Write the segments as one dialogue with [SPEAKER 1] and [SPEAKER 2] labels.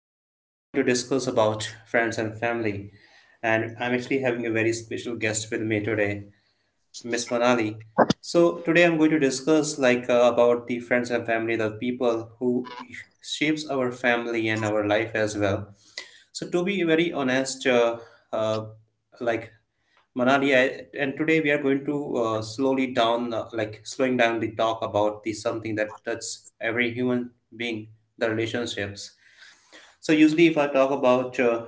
[SPEAKER 1] So today we are going to discuss about friends and family, and I'm actually having a very special guest with me today, Miss Manali. So today I'm going to discuss like about the friends and family, the people who shapes our family and our life as well. So to be very honest, uh, like Manali, and today we are going to slowly down, like slowing down the talk about the something that touches every human being, the relationships. So usually, if I talk about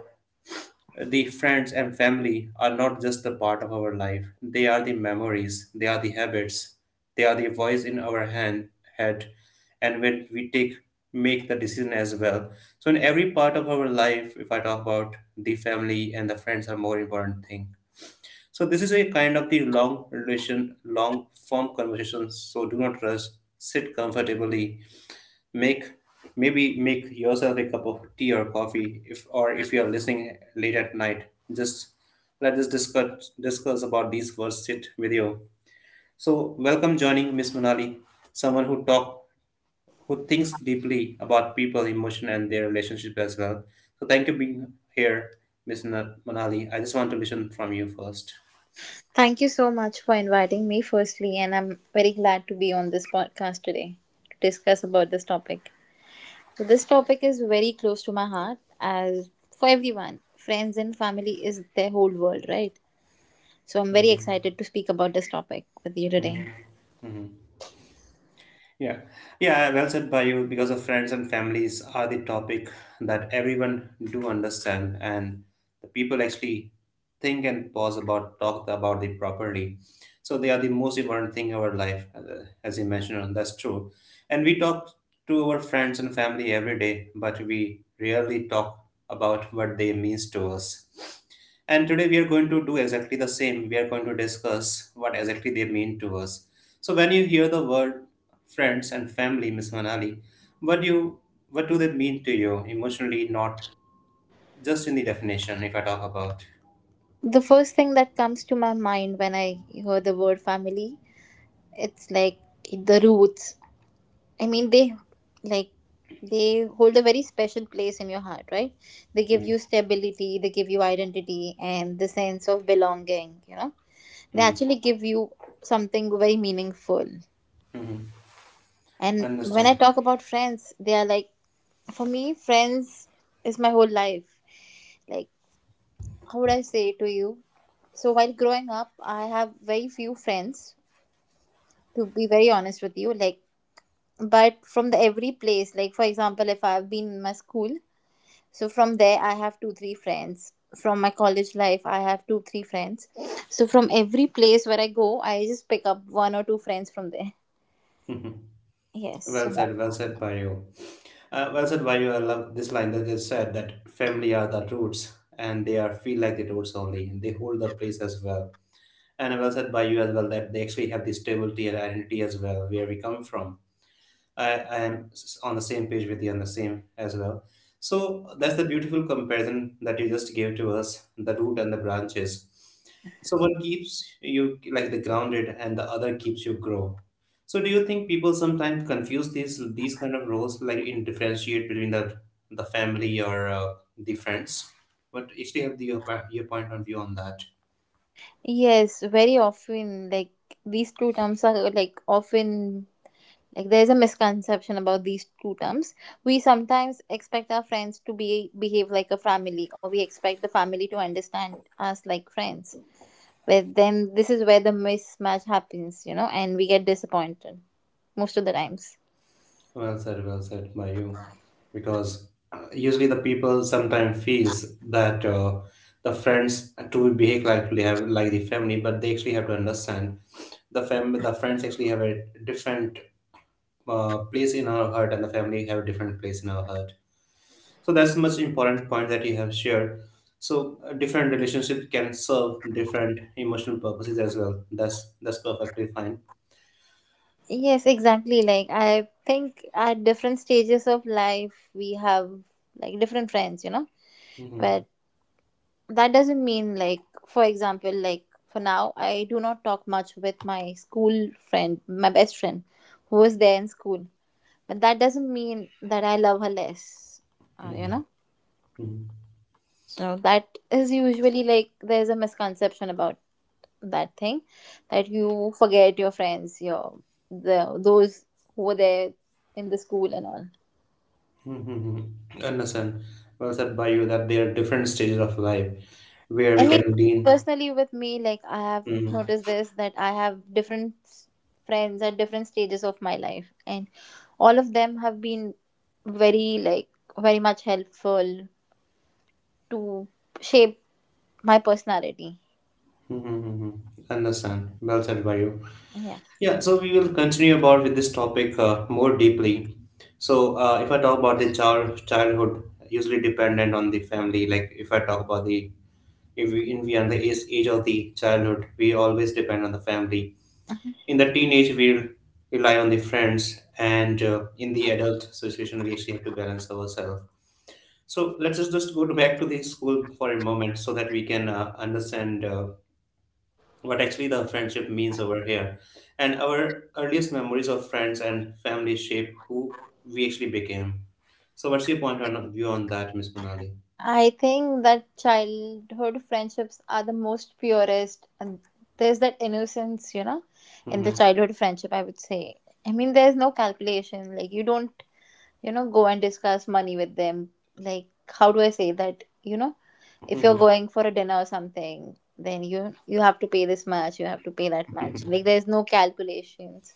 [SPEAKER 1] the friends and family are not just a part of our life, they are the memories, they are the habits, they are the voice in our head, and when we take make the decision as well. So in every part of our life, if I talk about the family and the friends are more important thing. So this is a kind of the long form conversation. So do not rush, sit comfortably, make maybe make yourself a cup of tea or coffee if you are listening late at night. Just let us discuss about these words sit with you. So welcome joining Miss Manali, someone who thinks deeply about people emotion and their relationship as well. So thank you being here, Miss Manali. I just want to listen from you first.
[SPEAKER 2] Thank you so much for inviting me, firstly, and I'm very glad to be on this podcast today to discuss about this topic. So, this topic is very close to my heart, as for everyone, friends and family is their whole world, right? So, I'm very excited to speak about this topic with you today.
[SPEAKER 1] Yeah, yeah, well said by you because of friends and families are the topic that everyone do understand, and the people actually think and pause about talk about it properly. So they are the most important thing in our life, as you mentioned, that's true. And we talk to our friends and family every day, but we rarely talk about what they means to us. And today we are going to do exactly the same. We are going to discuss what exactly they mean to us. So when you hear the word friends and family, Miss Manali, what do you what do they mean to you emotionally? Not just in the definition. If I talk about.
[SPEAKER 2] The first thing that comes to my mind when I hear the word family, it's like the roots. I mean, they, like, they hold a very special place in your heart, right? They give you stability, they give you identity, and the sense of belonging. You know, they
[SPEAKER 1] Mhm.
[SPEAKER 2] actually give you something very meaningful. And when I
[SPEAKER 1] Understand.
[SPEAKER 2] talk about friends, they are like, for me, friends is my whole life. Like, how would I say to you? So while growing up, I have very few friends. To be very honest with you, like, but from the every place, like, for example, if I've been in my school. So from there, I have two, three friends. From my college life, I have two, three friends. So from every place where I go, I just pick up one or two friends from there.
[SPEAKER 1] Mhm.
[SPEAKER 2] Yes.
[SPEAKER 1] Well said. Well said by you. Well said by you. I love this line that they said that family are the roots, and they are feel like the roots only. They hold the place as well. And well said by you as well that they actually have this stability and identity as well, where we come from. I am on the same page with you on the same as well. So that's the beautiful comparison that you just gave to us, the root and the branches. So one keeps you like the grounded and the other keeps you grow. So do you think people sometimes confuse these kind of roles like in differentiate between the family or the friends? But actually have your point of view on that.
[SPEAKER 2] Yes, very often, like, these two terms are like often, like, there's a misconception about these two terms. We sometimes expect our friends to be behave like a family, or we expect the family to understand us like friends. But then this is where the mismatch happens, you know, and we get disappointed most of the times.
[SPEAKER 1] Well said, Mayum. Because usually the people sometimes feels that the friends to behave like they have like the family, but they actually have to understand the friends actually have a different place in our heart, and the family have a different place in our heart. So that's much important point that you have shared. So different relationship can serve different emotional purposes as well. That's perfectly fine.
[SPEAKER 2] Yes, exactly. Like, I think at different stages of life we have, like, different friends, you know.
[SPEAKER 1] Hmm.
[SPEAKER 2] But that doesn't mean, like, for example, like, for now I do not talk much with my school friend, my best friend who was there in school. But that doesn't mean that I love her less. You know.
[SPEAKER 1] Hmm.
[SPEAKER 2] So that is usually like there's a misconception about that thing, that you forget your friends, your the those who were there in the school and all.
[SPEAKER 1] Mm-hmm. Understand. Well said by you that there are different stages of life where
[SPEAKER 2] I
[SPEAKER 1] we
[SPEAKER 2] mean,
[SPEAKER 1] can lean.
[SPEAKER 2] personally, with me, like, I have noticed
[SPEAKER 1] Mm-hmm.
[SPEAKER 2] this, that I have different friends at different stages of my life, and all of them have been very, like, very much helpful to shape my personality.
[SPEAKER 1] Hmm. Understand. Well said by you.
[SPEAKER 2] Yeah.
[SPEAKER 1] Yeah, so we will continue about with this topic more deeply. So if I talk about the childhood, usually dependent on the family. Like if I talk about the if we in we are in the age of the childhood, we always depend on the family. In the teenage, we rely on the friends, and in the adult situation, we actually have to balance ourselves. So let's just go to back to the school for a moment so that we can understand what actually the friendship means over here. And our earliest memories of friends and family shape who we actually became. So what's your point of view on that, Miss Monali?
[SPEAKER 2] I think that childhood friendships are the most purest, and there's that innocence, you know, in the
[SPEAKER 1] Hmm.
[SPEAKER 2] childhood friendship, I would say. I mean, there's no calculation, like, you don't, you know, go and discuss money with them, like, how do I say that, you know? If you're
[SPEAKER 1] Hmm.
[SPEAKER 2] going for a dinner or something, then you have to pay this much, you have to pay that much, like, there's no calculations.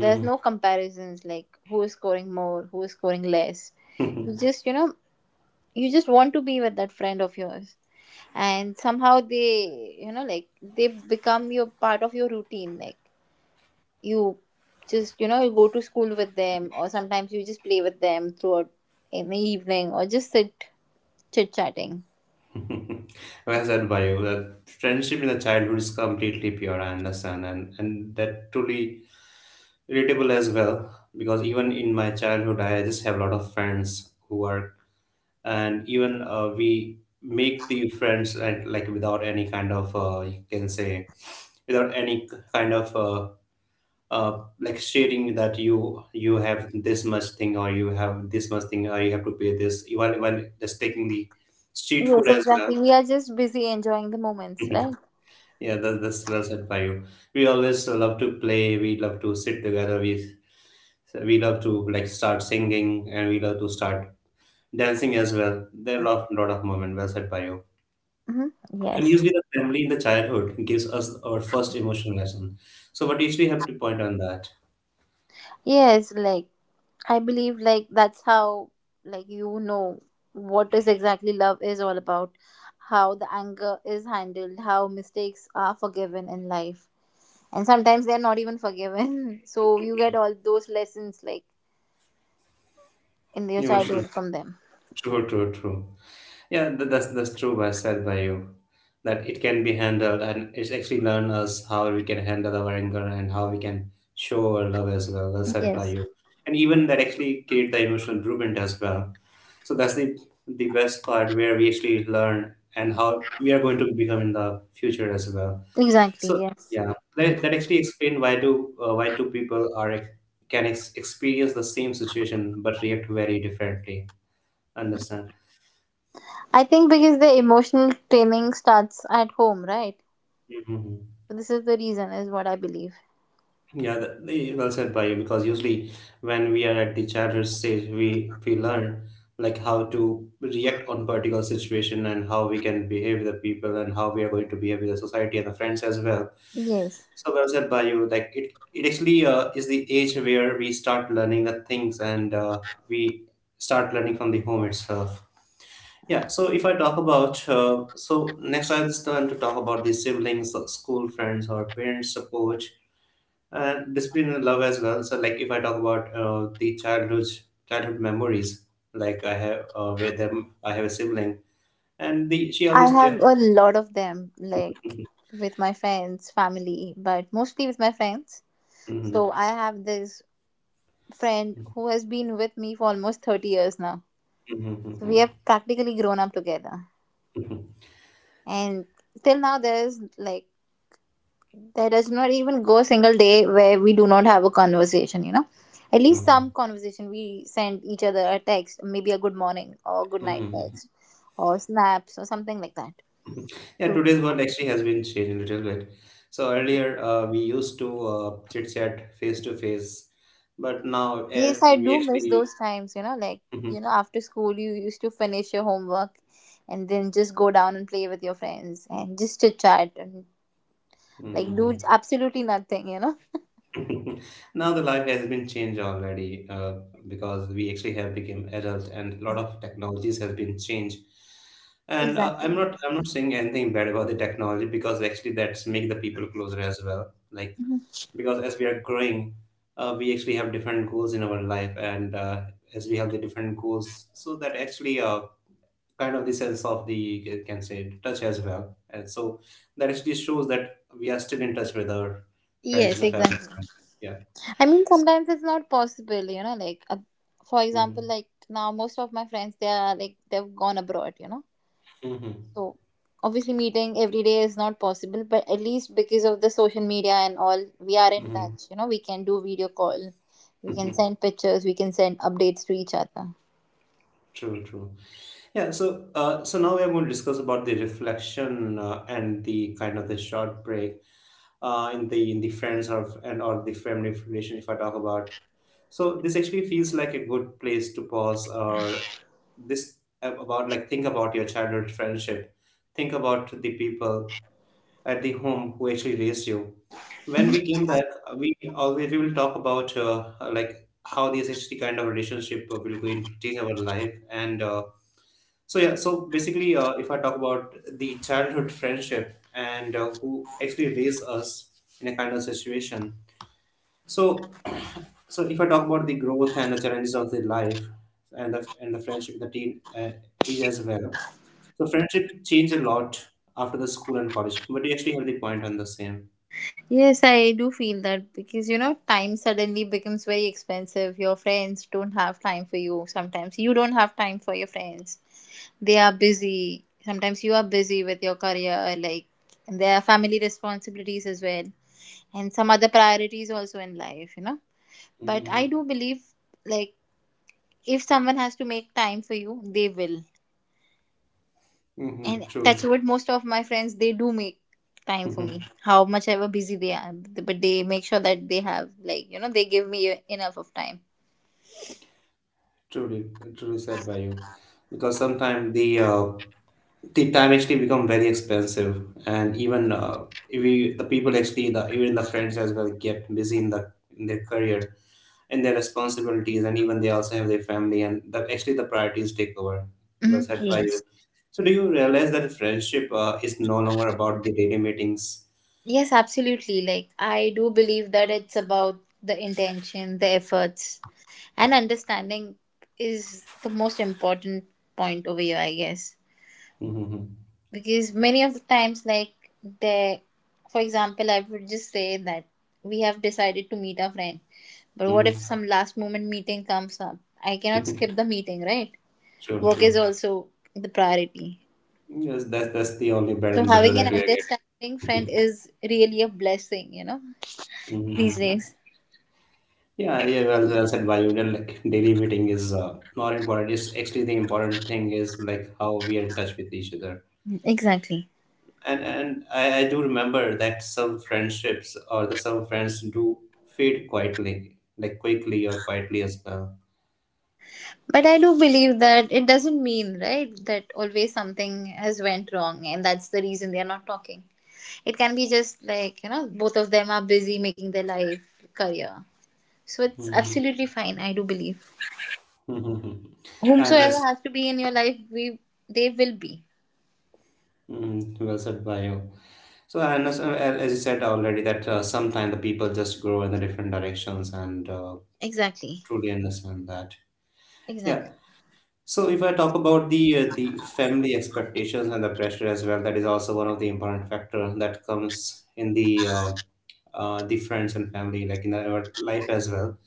[SPEAKER 2] There's no comparisons, like, who is scoring more, who is scoring less. You just, you know, you just want to be with that friend of yours, and somehow they, you know, like, they become your part of your routine, like, you just, you know, you go to school with them, or sometimes you just play with them throughout in the evening, or just sit chit chatting.
[SPEAKER 1] Well said by you. The friendship in the childhood is completely pure, I understand, and that truly relatable as well. Because even in my childhood, I just have a lot of friends who are and even we make the friends, right, like without any kind of you can say without any kind of like sharing that you have this much thing, or you have this much thing, or you have to pay this even when just taking the street food
[SPEAKER 2] Yes,
[SPEAKER 1] as well.
[SPEAKER 2] exactly, we are just busy enjoying the moments, right?
[SPEAKER 1] Yeah, that's well said by you. We always love to play, we love to sit together, we love to like start singing, and we love to start dancing as well. There are lot of moment. Well said by you.
[SPEAKER 2] Hmm. Yes.
[SPEAKER 1] And usually the family in the childhood gives us our first emotional lesson. So what usually have to point on that?
[SPEAKER 2] Yes, like, I believe, like, that's how, like, you know, what is exactly love is all about, how the anger is handled, how mistakes are forgiven in life, and sometimes they're not even forgiven. So you get all those lessons, like, in your
[SPEAKER 1] Emotional.
[SPEAKER 2] childhood from them.
[SPEAKER 1] True, true, true. Yeah, that's true by said by you. That it can be handled and it's actually learn us how we can handle our anger and how we can show our love as well. Well said by
[SPEAKER 2] Yes,
[SPEAKER 1] you. And even that actually create the emotional blueprint as well. So that's the best part where we actually learn and how we are going to become in the future as well.
[SPEAKER 2] exactly.
[SPEAKER 1] So
[SPEAKER 2] Yes.
[SPEAKER 1] yeah, that actually explained why two people are experience the same situation but react very differently. Understand?
[SPEAKER 2] I think because the emotional training starts at home, right?
[SPEAKER 1] Mhm.
[SPEAKER 2] So this is the reason, is what I believe.
[SPEAKER 1] Yeah, well said by you. Because usually, when we are at the childhood stage, we learn like how to react on particular situation and how we can behave with the people and how we are going to behave with the society and the friends as well.
[SPEAKER 2] Yes.
[SPEAKER 1] So well said by you. Like it actually is the age where we start learning the things, and we start learning from the home itself. Yeah, so if I talk so next I will turn to talk about the siblings, school friends, or parents' support and discipline and love as well. So, like if I talk about the childhood memories, like I have with them, I have a sibling, and the she
[SPEAKER 2] I
[SPEAKER 1] always.
[SPEAKER 2] have a lot of them, like, with my friends, family, but mostly with my friends. So
[SPEAKER 1] Mhm.
[SPEAKER 2] I have this friend who has been with me for almost 30 years now.
[SPEAKER 1] Mhm,
[SPEAKER 2] So
[SPEAKER 1] mhm,
[SPEAKER 2] we have practically grown up together.
[SPEAKER 1] mhm,
[SPEAKER 2] And till now, there's, like, there does not even go a single day where we do not have a conversation, you know, at least some
[SPEAKER 1] mhm,
[SPEAKER 2] conversation. We send each other a text, maybe a good morning or good night
[SPEAKER 1] mhm.
[SPEAKER 2] text, or snaps or something like that.
[SPEAKER 1] Yeah,
[SPEAKER 2] So
[SPEAKER 1] today's world actually has been changing a little bit. So earlier, we used to chit chat face to face, but now
[SPEAKER 2] yes, I do
[SPEAKER 1] we
[SPEAKER 2] miss
[SPEAKER 1] actually.
[SPEAKER 2] those times, you know, like,
[SPEAKER 1] Mhm,
[SPEAKER 2] you know, after school you used to finish your homework and then just go down and play with your friends and just chit chat, and, like,
[SPEAKER 1] mhm,
[SPEAKER 2] do
[SPEAKER 1] mhm.
[SPEAKER 2] absolutely nothing, you know.
[SPEAKER 1] Now the life has been changed already, because we actually have become adult, and a lot of technologies has been changed. And uh, i'm
[SPEAKER 2] Exactly.
[SPEAKER 1] not i'm not saying anything bad about the technology because actually that's make the people closer as well, like
[SPEAKER 2] Mhm.
[SPEAKER 1] because as we are growing, we actually have different goals in our life. And as we have the different goals, so that actually kind of the sense of the, you can say, touch as well. And so that actually shows that we are still in touch with our friends
[SPEAKER 2] Yes.
[SPEAKER 1] and family.
[SPEAKER 2] Exactly.
[SPEAKER 1] Yeah.
[SPEAKER 2] I mean, sometimes it's not possible, you know, like, for example,
[SPEAKER 1] Mhm.
[SPEAKER 2] like, now most of my friends, they are, like, they've gone abroad, you know.
[SPEAKER 1] Mhm.
[SPEAKER 2] So obviously meeting every day is not possible, but at least because of the social media and all, we are in
[SPEAKER 1] Mhm.
[SPEAKER 2] touch, you know, we can do video call, we can
[SPEAKER 1] Mhm.
[SPEAKER 2] send pictures, we can send updates to each other.
[SPEAKER 1] True, true. Yeah, so now we are going to discuss about the reflection and the kind of the short break in the friends or and or the family relation if I talk about. So this actually feels like a good place to pause or this about like Think about your childhood friendship, think about the people at the home who actually raised you. When we came back, we will talk about like how this actually kind of relationship will going to change our life. And so yeah, so basically, if I talk about the childhood friendship, and who actually raised us in a kind of situation. so so if I talk about the growth and the challenges of the life and the friendship, the teen age as well. So friendship changed a lot after the school and college. But you actually have the point on the same.
[SPEAKER 2] Yes, I do feel that, because, you know, time suddenly becomes very expensive. Your friends don't have time for you sometimes. You don't have time for your friends. They are busy, sometimes you are busy with your career, like, and there are family responsibilities as well, and some other priorities also in life, you know. But I
[SPEAKER 1] Mm-hmm.
[SPEAKER 2] do believe, like, if someone has to make time for you, they will.
[SPEAKER 1] Mm-hmm.
[SPEAKER 2] And that's
[SPEAKER 1] True.
[SPEAKER 2] what most of my friends, they do make time for me,
[SPEAKER 1] Mm-hmm.
[SPEAKER 2] how much ever busy they are, but they make sure that they have, like, you know, they give me enough of time.
[SPEAKER 1] Truly, truly said by you. Because sometimes the time actually become very expensive, and even if we the people actually the even the friends as well get busy in the in their career and their responsibilities, and even they also have their family, and the actually the priorities take over. Well
[SPEAKER 2] Mhm.
[SPEAKER 1] said by
[SPEAKER 2] Yes.
[SPEAKER 1] you. So, do you realize that friendship is no longer about the daily meetings?
[SPEAKER 2] Yes, absolutely. Like, I do believe that it's about the intention, the efforts, and understanding is the most important point over here, I guess.
[SPEAKER 1] Mm-hmm.
[SPEAKER 2] Because many of the times, like, there, for example, I would just say that we have decided to meet our friend, but what if
[SPEAKER 1] Mm-hmm.
[SPEAKER 2] some last moment meeting comes up? I cannot skip the meeting, right?
[SPEAKER 1] True.
[SPEAKER 2] Work is
[SPEAKER 1] True.
[SPEAKER 2] also the priority.
[SPEAKER 1] Yes, that's the only bread
[SPEAKER 2] So,
[SPEAKER 1] and butter
[SPEAKER 2] having an
[SPEAKER 1] that we are
[SPEAKER 2] understanding friend
[SPEAKER 1] getting.
[SPEAKER 2] is really a blessing, you know, these
[SPEAKER 1] Mhm.
[SPEAKER 2] days.
[SPEAKER 1] Yeah, yeah, well said, Vayu. Then, like daily meeting is not important. It's actually the important thing is like how we are in touch with each other.
[SPEAKER 2] Exactly.
[SPEAKER 1] And I do remember that some friendships or the some friends do fade quietly, like quickly or quietly as well.
[SPEAKER 2] But I do believe that it doesn't mean, right, that always something has went wrong and that's the reason they are not talking. It can be just like, you know, both of them are busy making their life, career. So it's
[SPEAKER 1] Mhm.
[SPEAKER 2] absolutely fine, I do believe.
[SPEAKER 1] Hmm. And
[SPEAKER 2] Whomsoever
[SPEAKER 1] as
[SPEAKER 2] has to be in your life, we they will be.
[SPEAKER 1] well said by you. So and as you said already that sometimes the people just grow in the different directions and
[SPEAKER 2] Exactly.
[SPEAKER 1] truly understand that. Yeah.
[SPEAKER 2] Exactly.
[SPEAKER 1] So if I talk about the family expectations and the pressure as well, that is also one of the important factor that comes in the friends and family, like in our life as well.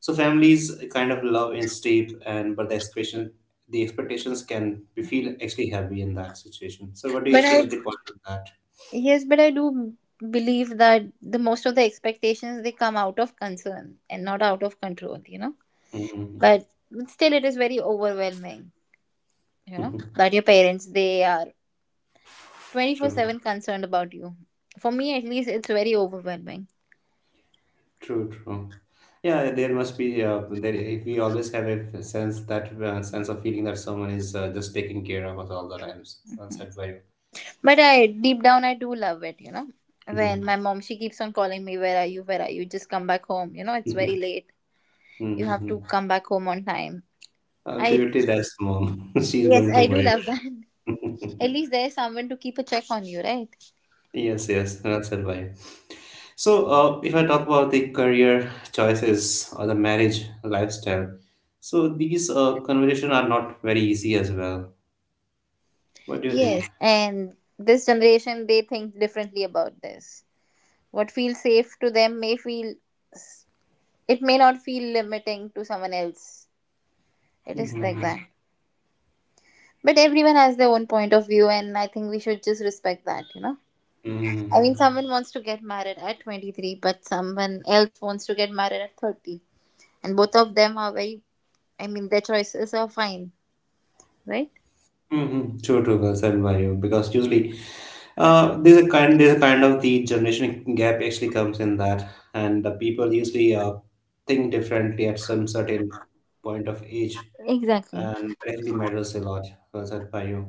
[SPEAKER 1] So families kind of love and steep, and but the expectations can we feel actually heavy in that situation. So what do you
[SPEAKER 2] But
[SPEAKER 1] actually
[SPEAKER 2] I
[SPEAKER 1] have the point of that?
[SPEAKER 2] yes, but I do believe that the most of the expectations they come out of concern and not out of control, you know.
[SPEAKER 1] Mm-hmm.
[SPEAKER 2] But still it is very overwhelming, you know, that your parents, they are
[SPEAKER 1] True.
[SPEAKER 2] 24/7 concerned about you, for me at least it's very overwhelming.
[SPEAKER 1] True, true. Yeah, there must be. There, if we always have a sense that sense of feeling that someone is just taking care of us all the times. Well said by you.
[SPEAKER 2] But I, deep down, I do love it, you know, when my mom, she keeps on calling me, where are you, where are you, just come back home, you know, it's very
[SPEAKER 1] Mhm.
[SPEAKER 2] late, you have to
[SPEAKER 1] Mhm.
[SPEAKER 2] come back home on time. i
[SPEAKER 1] Ultimately, that's mom. She's
[SPEAKER 2] yes
[SPEAKER 1] going to
[SPEAKER 2] i do
[SPEAKER 1] worry.
[SPEAKER 2] love that. At least there's someone to keep a check on you, right?
[SPEAKER 1] Yes, yes, well said by you. So, if I talk about the career choices or the marriage lifestyle, so these conversations are not very easy as well. What do you think?
[SPEAKER 2] Yes, and this generation, they think differently about this. What feels safe to them may feel, it may not feel limiting to someone else. It is
[SPEAKER 1] Mm-hmm.
[SPEAKER 2] like
[SPEAKER 1] Mm-hmm.
[SPEAKER 2] that. But everyone has their own point of view, and I think we should just respect that, you know? I mean,
[SPEAKER 1] Mm-hmm.
[SPEAKER 2] someone wants to get married at 23, but someone else wants to get married at 30. And both of them are very, I mean, their choices are fine, right?
[SPEAKER 1] Mm-hmm. True, true, well said by you. Because usually there's a kind of the generation gap actually comes in that, and the people usually think differently at some certain point of age,
[SPEAKER 2] Exactly.
[SPEAKER 1] and that actually matters a lot. Well said by you.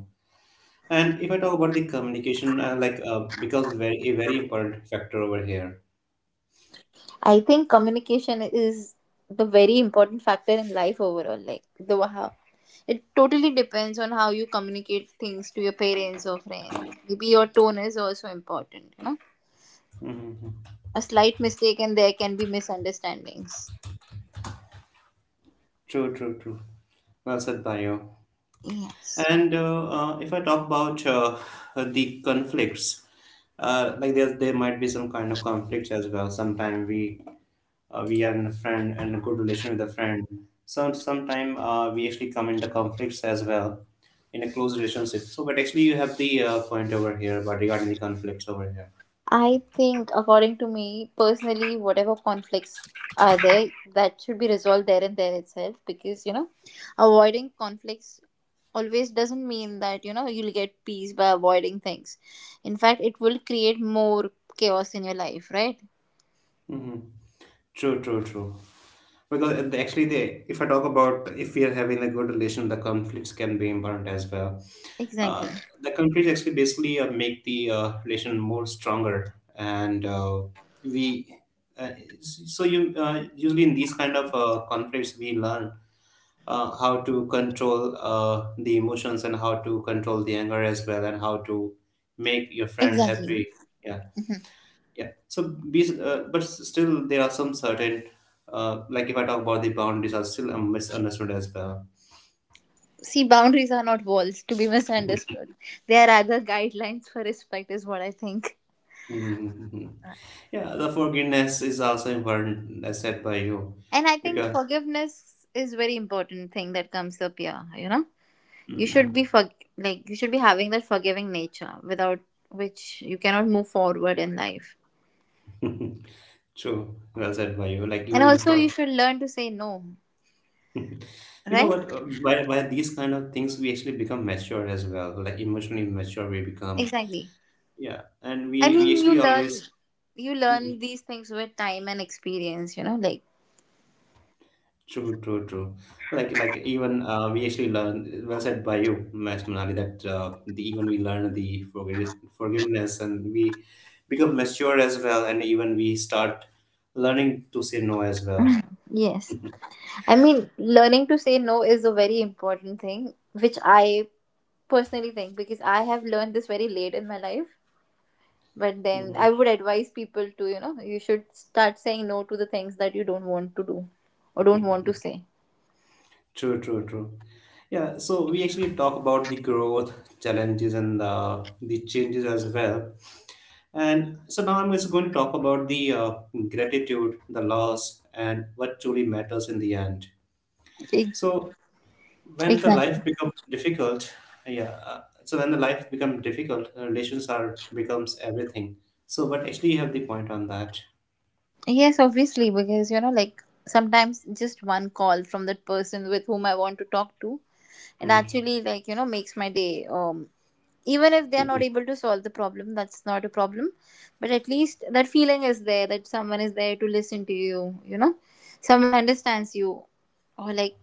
[SPEAKER 1] And if I talk about the communication, like becomes very important factor over here.
[SPEAKER 2] I think communication is the very important factor in life overall. Like, the how it totally depends on how you communicate things to your parents or friends. Maybe your tone is also important, you know?
[SPEAKER 1] Hmm.
[SPEAKER 2] A slight mistake and there can be misunderstandings.
[SPEAKER 1] True, true, true. Well said by you.
[SPEAKER 2] Yes.
[SPEAKER 1] And if I talk about the conflicts, like there might be some kind of conflicts as well. Sometimes we are in a friend and a good relation with a friend. So sometimes we actually come into conflicts as well in a close relationship. So, but actually, you have the point over here, but regarding the conflicts over here.
[SPEAKER 2] I think, according to me personally, whatever conflicts are there, that should be resolved there and there itself, because, you know, avoiding conflicts always doesn't mean that, you know, you'll get peace by avoiding things. In fact, it will create more chaos in your life, right?
[SPEAKER 1] Mm-hmm. True, true, true. Because actually, they, if I talk about if we are having a good relation, the conflicts can be important as well.
[SPEAKER 2] Exactly.
[SPEAKER 1] Uh, the conflicts actually basically make the relation more stronger, and we. Uh, so you usually in these kind of conflicts we learn how to control the emotions and how to control the anger as well, and how to make your friend
[SPEAKER 2] Exactly.
[SPEAKER 1] happy. Yeah. Yeah. So, but still, there are some certain, like if I talk about the boundaries, are still misunderstood as well.
[SPEAKER 2] See, boundaries are not walls to be
[SPEAKER 1] Hmm.
[SPEAKER 2] misunderstood. They are rather guidelines for respect, is what I think.
[SPEAKER 1] Hmm. Yeah, the forgiveness is also important, as said by you,
[SPEAKER 2] And I think
[SPEAKER 1] because
[SPEAKER 2] forgiveness is very important thing that comes up here, you know, you should
[SPEAKER 1] Mhm.
[SPEAKER 2] be for, like, you should be having that forgiving nature, without which you cannot move forward in life.
[SPEAKER 1] True, well said by you. Like
[SPEAKER 2] And
[SPEAKER 1] even the
[SPEAKER 2] also you
[SPEAKER 1] for,
[SPEAKER 2] should learn to say no.
[SPEAKER 1] you know
[SPEAKER 2] Right.
[SPEAKER 1] what, by these kind of things, we actually become mature as well. Like emotionally mature, we become.
[SPEAKER 2] Exactly.
[SPEAKER 1] Yeah, and
[SPEAKER 2] I
[SPEAKER 1] we
[SPEAKER 2] mean,
[SPEAKER 1] we
[SPEAKER 2] you
[SPEAKER 1] actually
[SPEAKER 2] learn,
[SPEAKER 1] always.
[SPEAKER 2] you learn
[SPEAKER 1] Mm-hmm.
[SPEAKER 2] these things with time and experience, you know, like.
[SPEAKER 1] True, true, true. Like even we actually learn. Well said by you, Ms. Manali. That even we learn the forgiveness, and we become mature as well, and even we start learning to say no as well.
[SPEAKER 2] Yes, I mean, learning to say no is a very important thing, which I personally think, because I have learned this very late in my life. But then
[SPEAKER 1] Hmm.
[SPEAKER 2] I would advise people to, you know, you should start saying no to the things that you don't want to do or don't want to say.
[SPEAKER 1] True, true, true. Yeah. So we actually talk about the growth challenges and the changes as well. And so now I'm just going to talk about the gratitude, the loss, and what truly matters in the end.
[SPEAKER 2] Ex-
[SPEAKER 1] So when the
[SPEAKER 2] Exactly.
[SPEAKER 1] life become difficult, yeah, so when the life become difficult the relations are becomes everything, so but actually you have the point on that.
[SPEAKER 2] Yes, obviously, because, you know, like, sometimes just one call from that person with whom I want to talk to, it
[SPEAKER 1] Mhm.
[SPEAKER 2] actually, like, you know, makes my day. Even if they are not
[SPEAKER 1] Mhm.
[SPEAKER 2] able to solve the problem, that's not a problem, but at least that feeling is there that someone is there to listen to you. You know, someone understands you, or like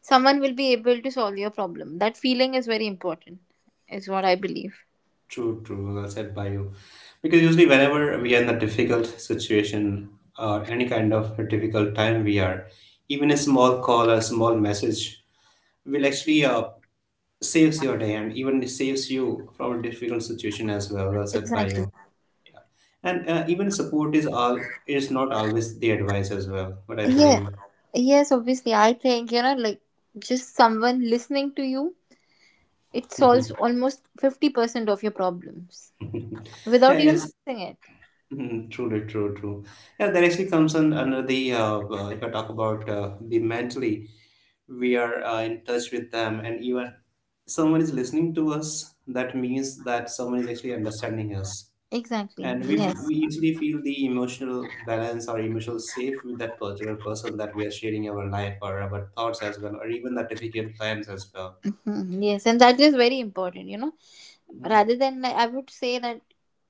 [SPEAKER 2] someone will be able to solve your problem. That feeling is very important, is what I believe.
[SPEAKER 1] True, true, well said by you, because usually whenever we are in a difficult situation or any kind of a difficult time we are, even a small call or a small message will actually saves your day and even saves you from a difficult situation as well, well said by
[SPEAKER 2] Exactly,
[SPEAKER 1] you. And even support is all is not always the advice as well, what I
[SPEAKER 2] yeah.
[SPEAKER 1] believe.
[SPEAKER 2] Yes, obviously, I think, you know, like just someone listening to you, it solves
[SPEAKER 1] Mhm.
[SPEAKER 2] almost 50% of your problems without
[SPEAKER 1] Yeah,
[SPEAKER 2] even
[SPEAKER 1] yes,
[SPEAKER 2] fixing it.
[SPEAKER 1] Mhm, truly, true, true. Yeah, that actually comes in under the if I talk about the mentally, we are in touch with them, and even someone is listening to us. That means that someone is actually understanding us,
[SPEAKER 2] Exactly,
[SPEAKER 1] and
[SPEAKER 2] yes.
[SPEAKER 1] we easily feel the emotional balance or emotional safe with that particular person that we are sharing our life or our thoughts as well, or even the difficult times as well.
[SPEAKER 2] Mhm. Yes, and that is very important, you know,
[SPEAKER 1] Mhm.
[SPEAKER 2] rather than, like, I would say that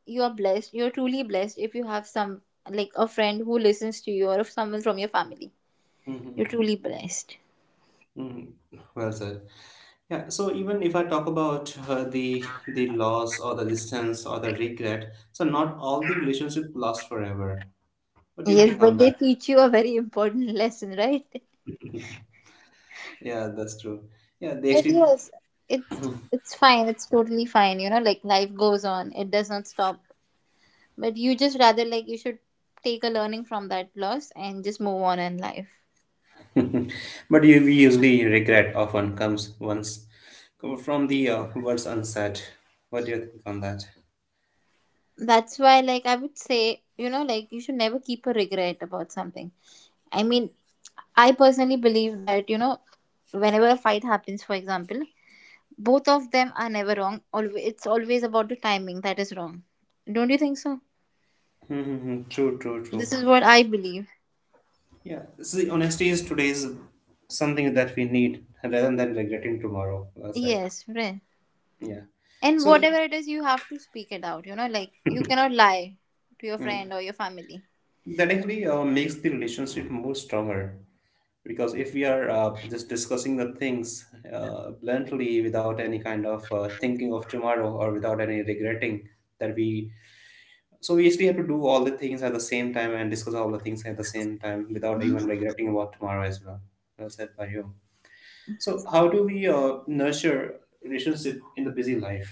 [SPEAKER 2] you are blessed, you're truly blessed if you have some, like, a friend who listens to you or if someone from your family. You're
[SPEAKER 1] Mhm.
[SPEAKER 2] truly blessed.
[SPEAKER 1] Mm, well said. Yeah. So even if I talk about the the loss or the distance or the regret, so not all the relationship last forever. What do you
[SPEAKER 2] Yes,
[SPEAKER 1] think on
[SPEAKER 2] but they
[SPEAKER 1] that?
[SPEAKER 2] teach you a very important lesson, right?
[SPEAKER 1] Yeah, that's true. Yeah, they
[SPEAKER 2] It
[SPEAKER 1] actually,
[SPEAKER 2] is. It's it's fine. It's totally fine. You know, like, life goes on. It does not stop. But you just, rather, like, you should take a learning from that loss and just move on in life.
[SPEAKER 1] but you we usually regret often comes once from the words unsaid. What do you think on that?
[SPEAKER 2] That's why, like, I would say, you know, like, you should never keep a regret about something. I mean, I personally believe that, you know, whenever a fight happens, for example, both of them are never wrong. Always, it's always about the timing that is wrong. Don't you think so?
[SPEAKER 1] Mm-hmm. True, true, true.
[SPEAKER 2] This is what I believe.
[SPEAKER 1] Yeah, see, honesty is today's something that we need rather than regretting tomorrow. Well said.
[SPEAKER 2] Yes, friend.
[SPEAKER 1] Yeah.
[SPEAKER 2] And whatever
[SPEAKER 1] So
[SPEAKER 2] it is, you have to speak it out. You know, like, you cannot lie to your friend
[SPEAKER 1] Mm.
[SPEAKER 2] or your family.
[SPEAKER 1] That actually makes the relationship more stronger because if we are just discussing the things bluntly without any kind of thinking of tomorrow or without any regretting that we so we actually have to do all the things at the same time and discuss all the things at the same time without even regretting about tomorrow as well, well said by you. So how do we nurture relationship in the busy life?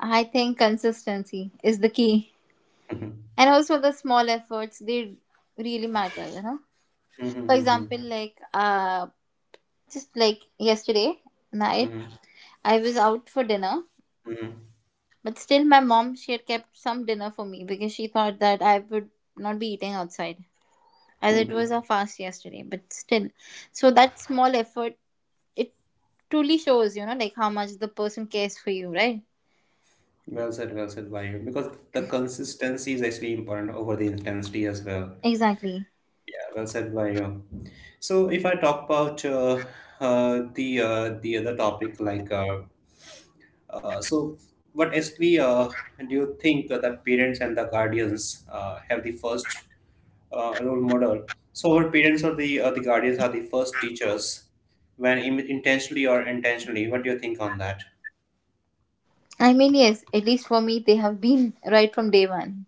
[SPEAKER 2] I think consistency is the key.
[SPEAKER 1] Mhm.
[SPEAKER 2] And also the small efforts, they really matter, you know.
[SPEAKER 1] Mhm,
[SPEAKER 2] For
[SPEAKER 1] mhm,
[SPEAKER 2] example, like, just like yesterday night,
[SPEAKER 1] mhm,
[SPEAKER 2] I was out for dinner,
[SPEAKER 1] mhm,
[SPEAKER 2] but still my mom, she had kept some dinner for me because she thought that I would not be eating outside as
[SPEAKER 1] mhm,
[SPEAKER 2] it was a
[SPEAKER 1] mhm.
[SPEAKER 2] fast yesterday, but still. So that small effort, it truly shows, you know, like how much the person cares for you, right?
[SPEAKER 1] Well said by you. Because the consistency is actually important over the intensity as well.
[SPEAKER 2] Exactly.
[SPEAKER 1] Yeah, well said by you. So if I talk about the other topic, uh, so, what actually do you think that parents and the guardians have the first role model? So our parents or the guardians are the first teachers, when intentionally or intentionally. What do you think on that?
[SPEAKER 2] I mean, yes, at least for me, they have been, right from day one.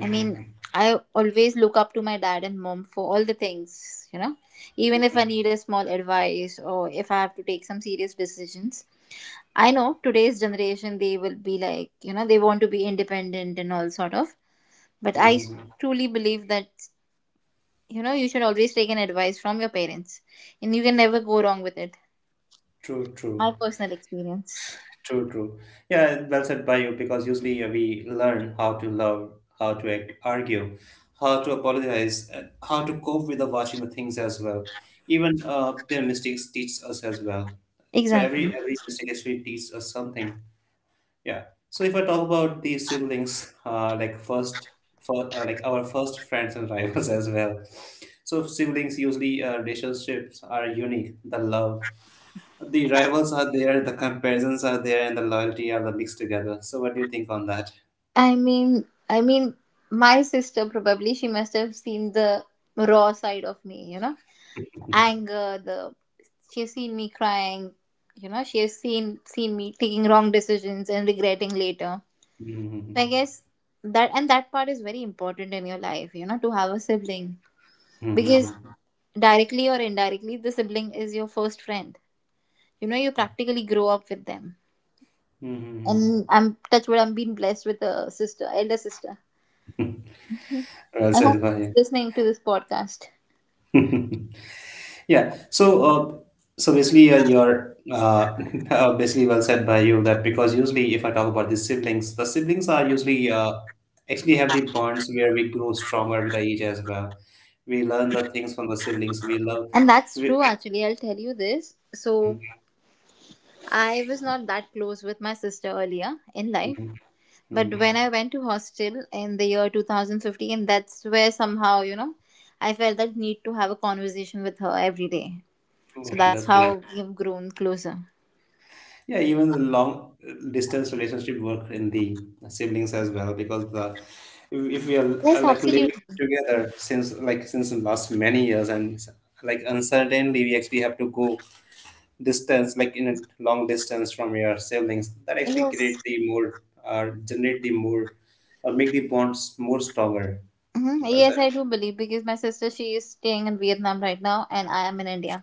[SPEAKER 2] I mean, I always look up to my dad and mom for all the things, you know, even if I need a small advice or if I have to take some serious decisions. I know today's generation, they will be like, you know, they want to be independent and all sort of. But I
[SPEAKER 1] Mm-hmm.
[SPEAKER 2] truly believe that, you know, you should always take an advice from your parents, and you can never go wrong with it.
[SPEAKER 1] True,
[SPEAKER 2] My
[SPEAKER 1] true.
[SPEAKER 2] personal experience.
[SPEAKER 1] True, true. Yeah, well said by you because usually we learn how to love, how to argue, how to apologize, and how to cope with the watching the things as well. Even their mistakes teach us as well. So
[SPEAKER 2] Exactly.
[SPEAKER 1] every mistake actually teaches us something. Yeah. So if I talk about these siblings, like first, for, like our first friends and rivals as well. So siblings usually relationships are unique. The love, the rivals are there, the comparisons are there, and the loyalty are the mixed together. So, what do you think on that?
[SPEAKER 2] I mean, my sister, probably she must have seen the raw side of me, you know, anger. The She has seen me crying, you know, she has seen me taking wrong decisions and regretting later. So I
[SPEAKER 1] Mhm.
[SPEAKER 2] guess that, and that part is very important in your life, you know, to have a sibling, because
[SPEAKER 1] Mhm.
[SPEAKER 2] directly or indirectly, the sibling is your first friend. You know, you practically grow up with them.
[SPEAKER 1] Mhm.
[SPEAKER 2] And I'm, touch wood, I'm being blessed with a sister, elder sister.
[SPEAKER 1] Well
[SPEAKER 2] I hope
[SPEAKER 1] said,
[SPEAKER 2] he's
[SPEAKER 1] Maya.
[SPEAKER 2] listening to this podcast.
[SPEAKER 1] Yeah. So, basically, you're basically well said by you that because usually, if I talk about the siblings are usually actually have the bonds where we grow stronger with the age as well. We learn the things from the siblings. We love.
[SPEAKER 2] And that's
[SPEAKER 1] We,
[SPEAKER 2] true, actually. I'll tell you this. So,
[SPEAKER 1] Mhm.
[SPEAKER 2] I was not that close with my sister earlier in life.
[SPEAKER 1] Mhm.
[SPEAKER 2] But when
[SPEAKER 1] Mhm.
[SPEAKER 2] I went to hostel in the year 2015, that's where somehow, you know, I felt that need to have a conversation with her every day. So,
[SPEAKER 1] Oh,
[SPEAKER 2] that's
[SPEAKER 1] that's
[SPEAKER 2] how
[SPEAKER 1] great.
[SPEAKER 2] we have grown closer.
[SPEAKER 1] Yeah, even the long distance relationship work in the siblings as well because the if we are
[SPEAKER 2] Yes,
[SPEAKER 1] like living
[SPEAKER 2] absolutely.
[SPEAKER 1] together since like since the last many years and like uncertainly we actually have to go distance like in a long distance from your siblings that actually
[SPEAKER 2] Yes.
[SPEAKER 1] create the more generate the more or make the bonds more stronger.
[SPEAKER 2] Hmm,
[SPEAKER 1] Was
[SPEAKER 2] yes, I
[SPEAKER 1] that—
[SPEAKER 2] do believe, because my sister, she is staying in Vietnam right now, and I am in India.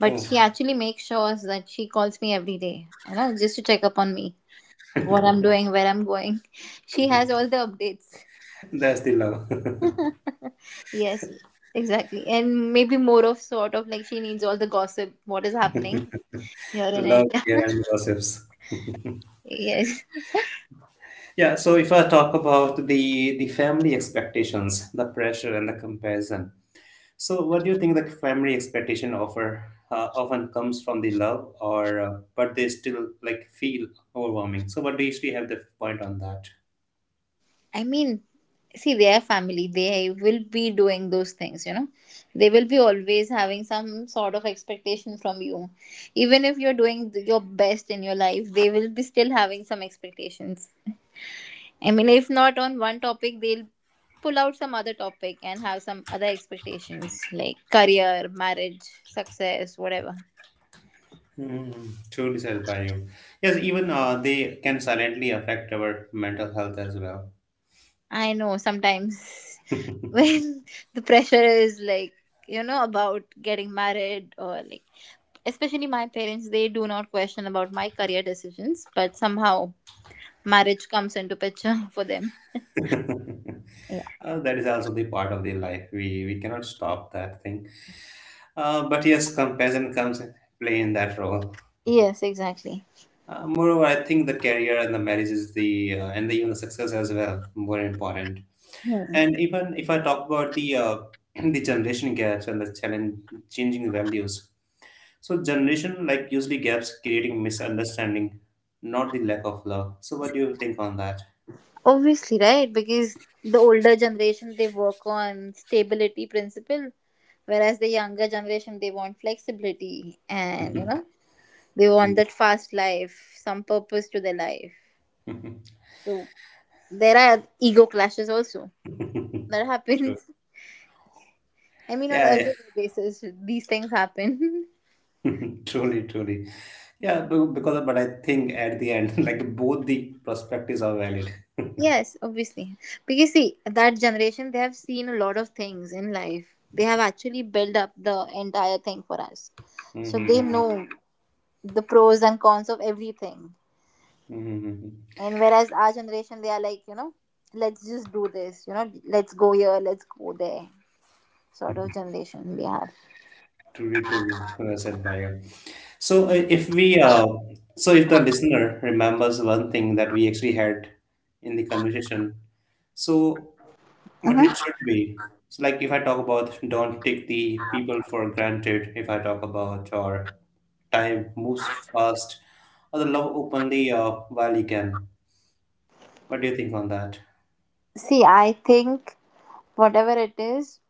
[SPEAKER 2] But
[SPEAKER 1] Oh,
[SPEAKER 2] she actually makes sure that she calls me every day, you know, just to check up on me, like what I'm doing, where I'm going. She has all the updates.
[SPEAKER 1] that's the love,
[SPEAKER 2] Yes, exactly. And maybe more of sort of like she needs all the gossip, what is happening here in
[SPEAKER 1] love,
[SPEAKER 2] India.
[SPEAKER 1] yeah, and gossips.
[SPEAKER 2] Yes.
[SPEAKER 1] Yeah, so if I talk about the family expectations, the pressure and the comparison. So what do you think the family expectation offer often comes from the love or but they still like feel overwhelming. So what do you still have the point on that?
[SPEAKER 2] I mean, see, their family, they will be doing those things, you know. They will be always having some sort of expectation from you. Even if you're doing your best in your life, they will be still having some expectations. I mean, if not on one topic, they'll pull out some other topic and have some other expectations like career, marriage, success, whatever.
[SPEAKER 1] Mm, truly said by you. Yes, even they can silently affect our mental health as well.
[SPEAKER 2] I know sometimes, when the pressure is like, you know, about getting married or like, especially my parents, they do not question about my career decisions, but somehow marriage comes into picture for them. Yeah.
[SPEAKER 1] That is also the part of the life. We cannot stop that thing. But yes, comparison comes play in that role.
[SPEAKER 2] Yes, exactly.
[SPEAKER 1] Moreover, I think the career and the marriage is the even the success as well more important.
[SPEAKER 2] Hmm.
[SPEAKER 1] And even if I talk about the the generation gaps and the challenge changing values, so generation like usually gaps creating misunderstanding, not the lack of love. So what do you think on that?
[SPEAKER 2] Obviously, right? Because the older generation, they work on stability principle, whereas the younger generation, they want flexibility, and you know, they want
[SPEAKER 1] Mhm.
[SPEAKER 2] that fast life, some purpose to their life. So there are ego clashes also that
[SPEAKER 1] True.
[SPEAKER 2] happens. I mean, on
[SPEAKER 1] Yeah, yeah.
[SPEAKER 2] everyday basis, these things happen.
[SPEAKER 1] Truly, truly. Yeah, because but I think at the end, like both the perspectives are valid.
[SPEAKER 2] Yes, obviously. Because see, that generation, they have seen a lot of things in life. They have actually built up the entire thing for us. So they
[SPEAKER 1] Hmm.
[SPEAKER 2] know the pros and cons of everything.
[SPEAKER 1] Hmm.
[SPEAKER 2] And whereas our generation, they are like, you know, let's just do this, you know, let's go here, let's go there, sort of generation we have.
[SPEAKER 1] Truly, truly well said by you. So, if we, so if the listener remembers one thing that we actually had in the conversation, so what
[SPEAKER 2] Hmm.
[SPEAKER 1] it should be. So, like if I talk about don't take the people for granted, if I talk about or time moves fast, or the love openly while you can. What do you think on that?
[SPEAKER 2] See, I think whatever it is,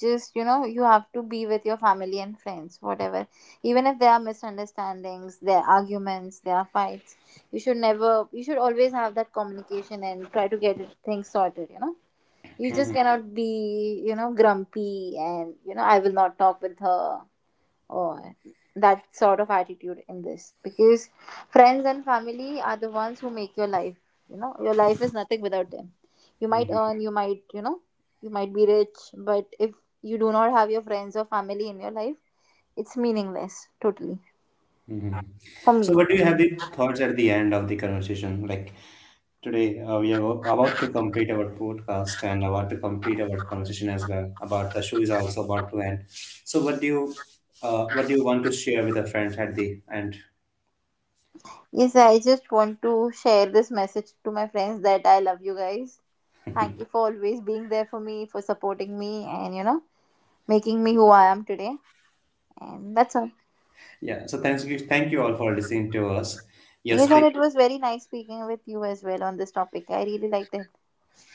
[SPEAKER 2] just, you know, you have to be with your family and friends, whatever. Even if there are misunderstandings, there are arguments, there are fights, you should never, you should always have that communication and try to things sorted, you know. You just
[SPEAKER 1] Hmm.
[SPEAKER 2] cannot be, you know, grumpy and, you know, I will not talk with her, or that sort of attitude in this, because friends and family are the ones who make your life, you know, your life is nothing without them. You might earn, you might, you know, you might be rich, but if you do not have your friends or family in your life, it's meaningless totally, for
[SPEAKER 1] So,
[SPEAKER 2] me.
[SPEAKER 1] what do you have the thoughts at the end of the conversation? Like today, we are about to complete our podcast and about to complete our conversation as well. About the show is also about to end. So, what do you want to share with the friends at the end?
[SPEAKER 2] Yes, I just want to share this message to my friends that I love you guys. Thank you for always being there for me, for supporting me, and you know, making me who I am today. And that's all.
[SPEAKER 1] Yeah. So, thanks, thank you all for listening to us. You're
[SPEAKER 2] Yes, and it
[SPEAKER 1] speaking.
[SPEAKER 2] was very nice speaking with you as well on this topic. I really liked it.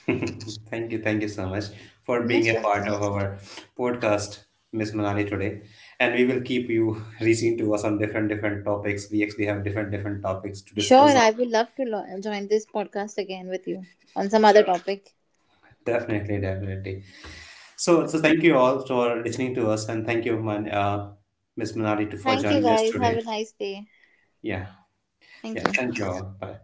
[SPEAKER 1] Thank you, thank you so much for being
[SPEAKER 2] Most
[SPEAKER 1] a part
[SPEAKER 2] welcome.
[SPEAKER 1] of our podcast, Miss Manali today. And we will keep you reaching to us on different different topics. We actually have different different topics to
[SPEAKER 2] Sure,
[SPEAKER 1] discuss on.
[SPEAKER 2] I would love to join this podcast again with you on some other
[SPEAKER 1] Sure.
[SPEAKER 2] topic.
[SPEAKER 1] Definitely, definitely. So, so thank you all for listening to us, and thank you, Miss Manali, to for
[SPEAKER 2] Thank you,
[SPEAKER 1] joining us
[SPEAKER 2] guys. Have
[SPEAKER 1] today.
[SPEAKER 2] a nice day.
[SPEAKER 1] Yeah,
[SPEAKER 2] Thank
[SPEAKER 1] yeah.
[SPEAKER 2] you.
[SPEAKER 1] Thank you all. Bye.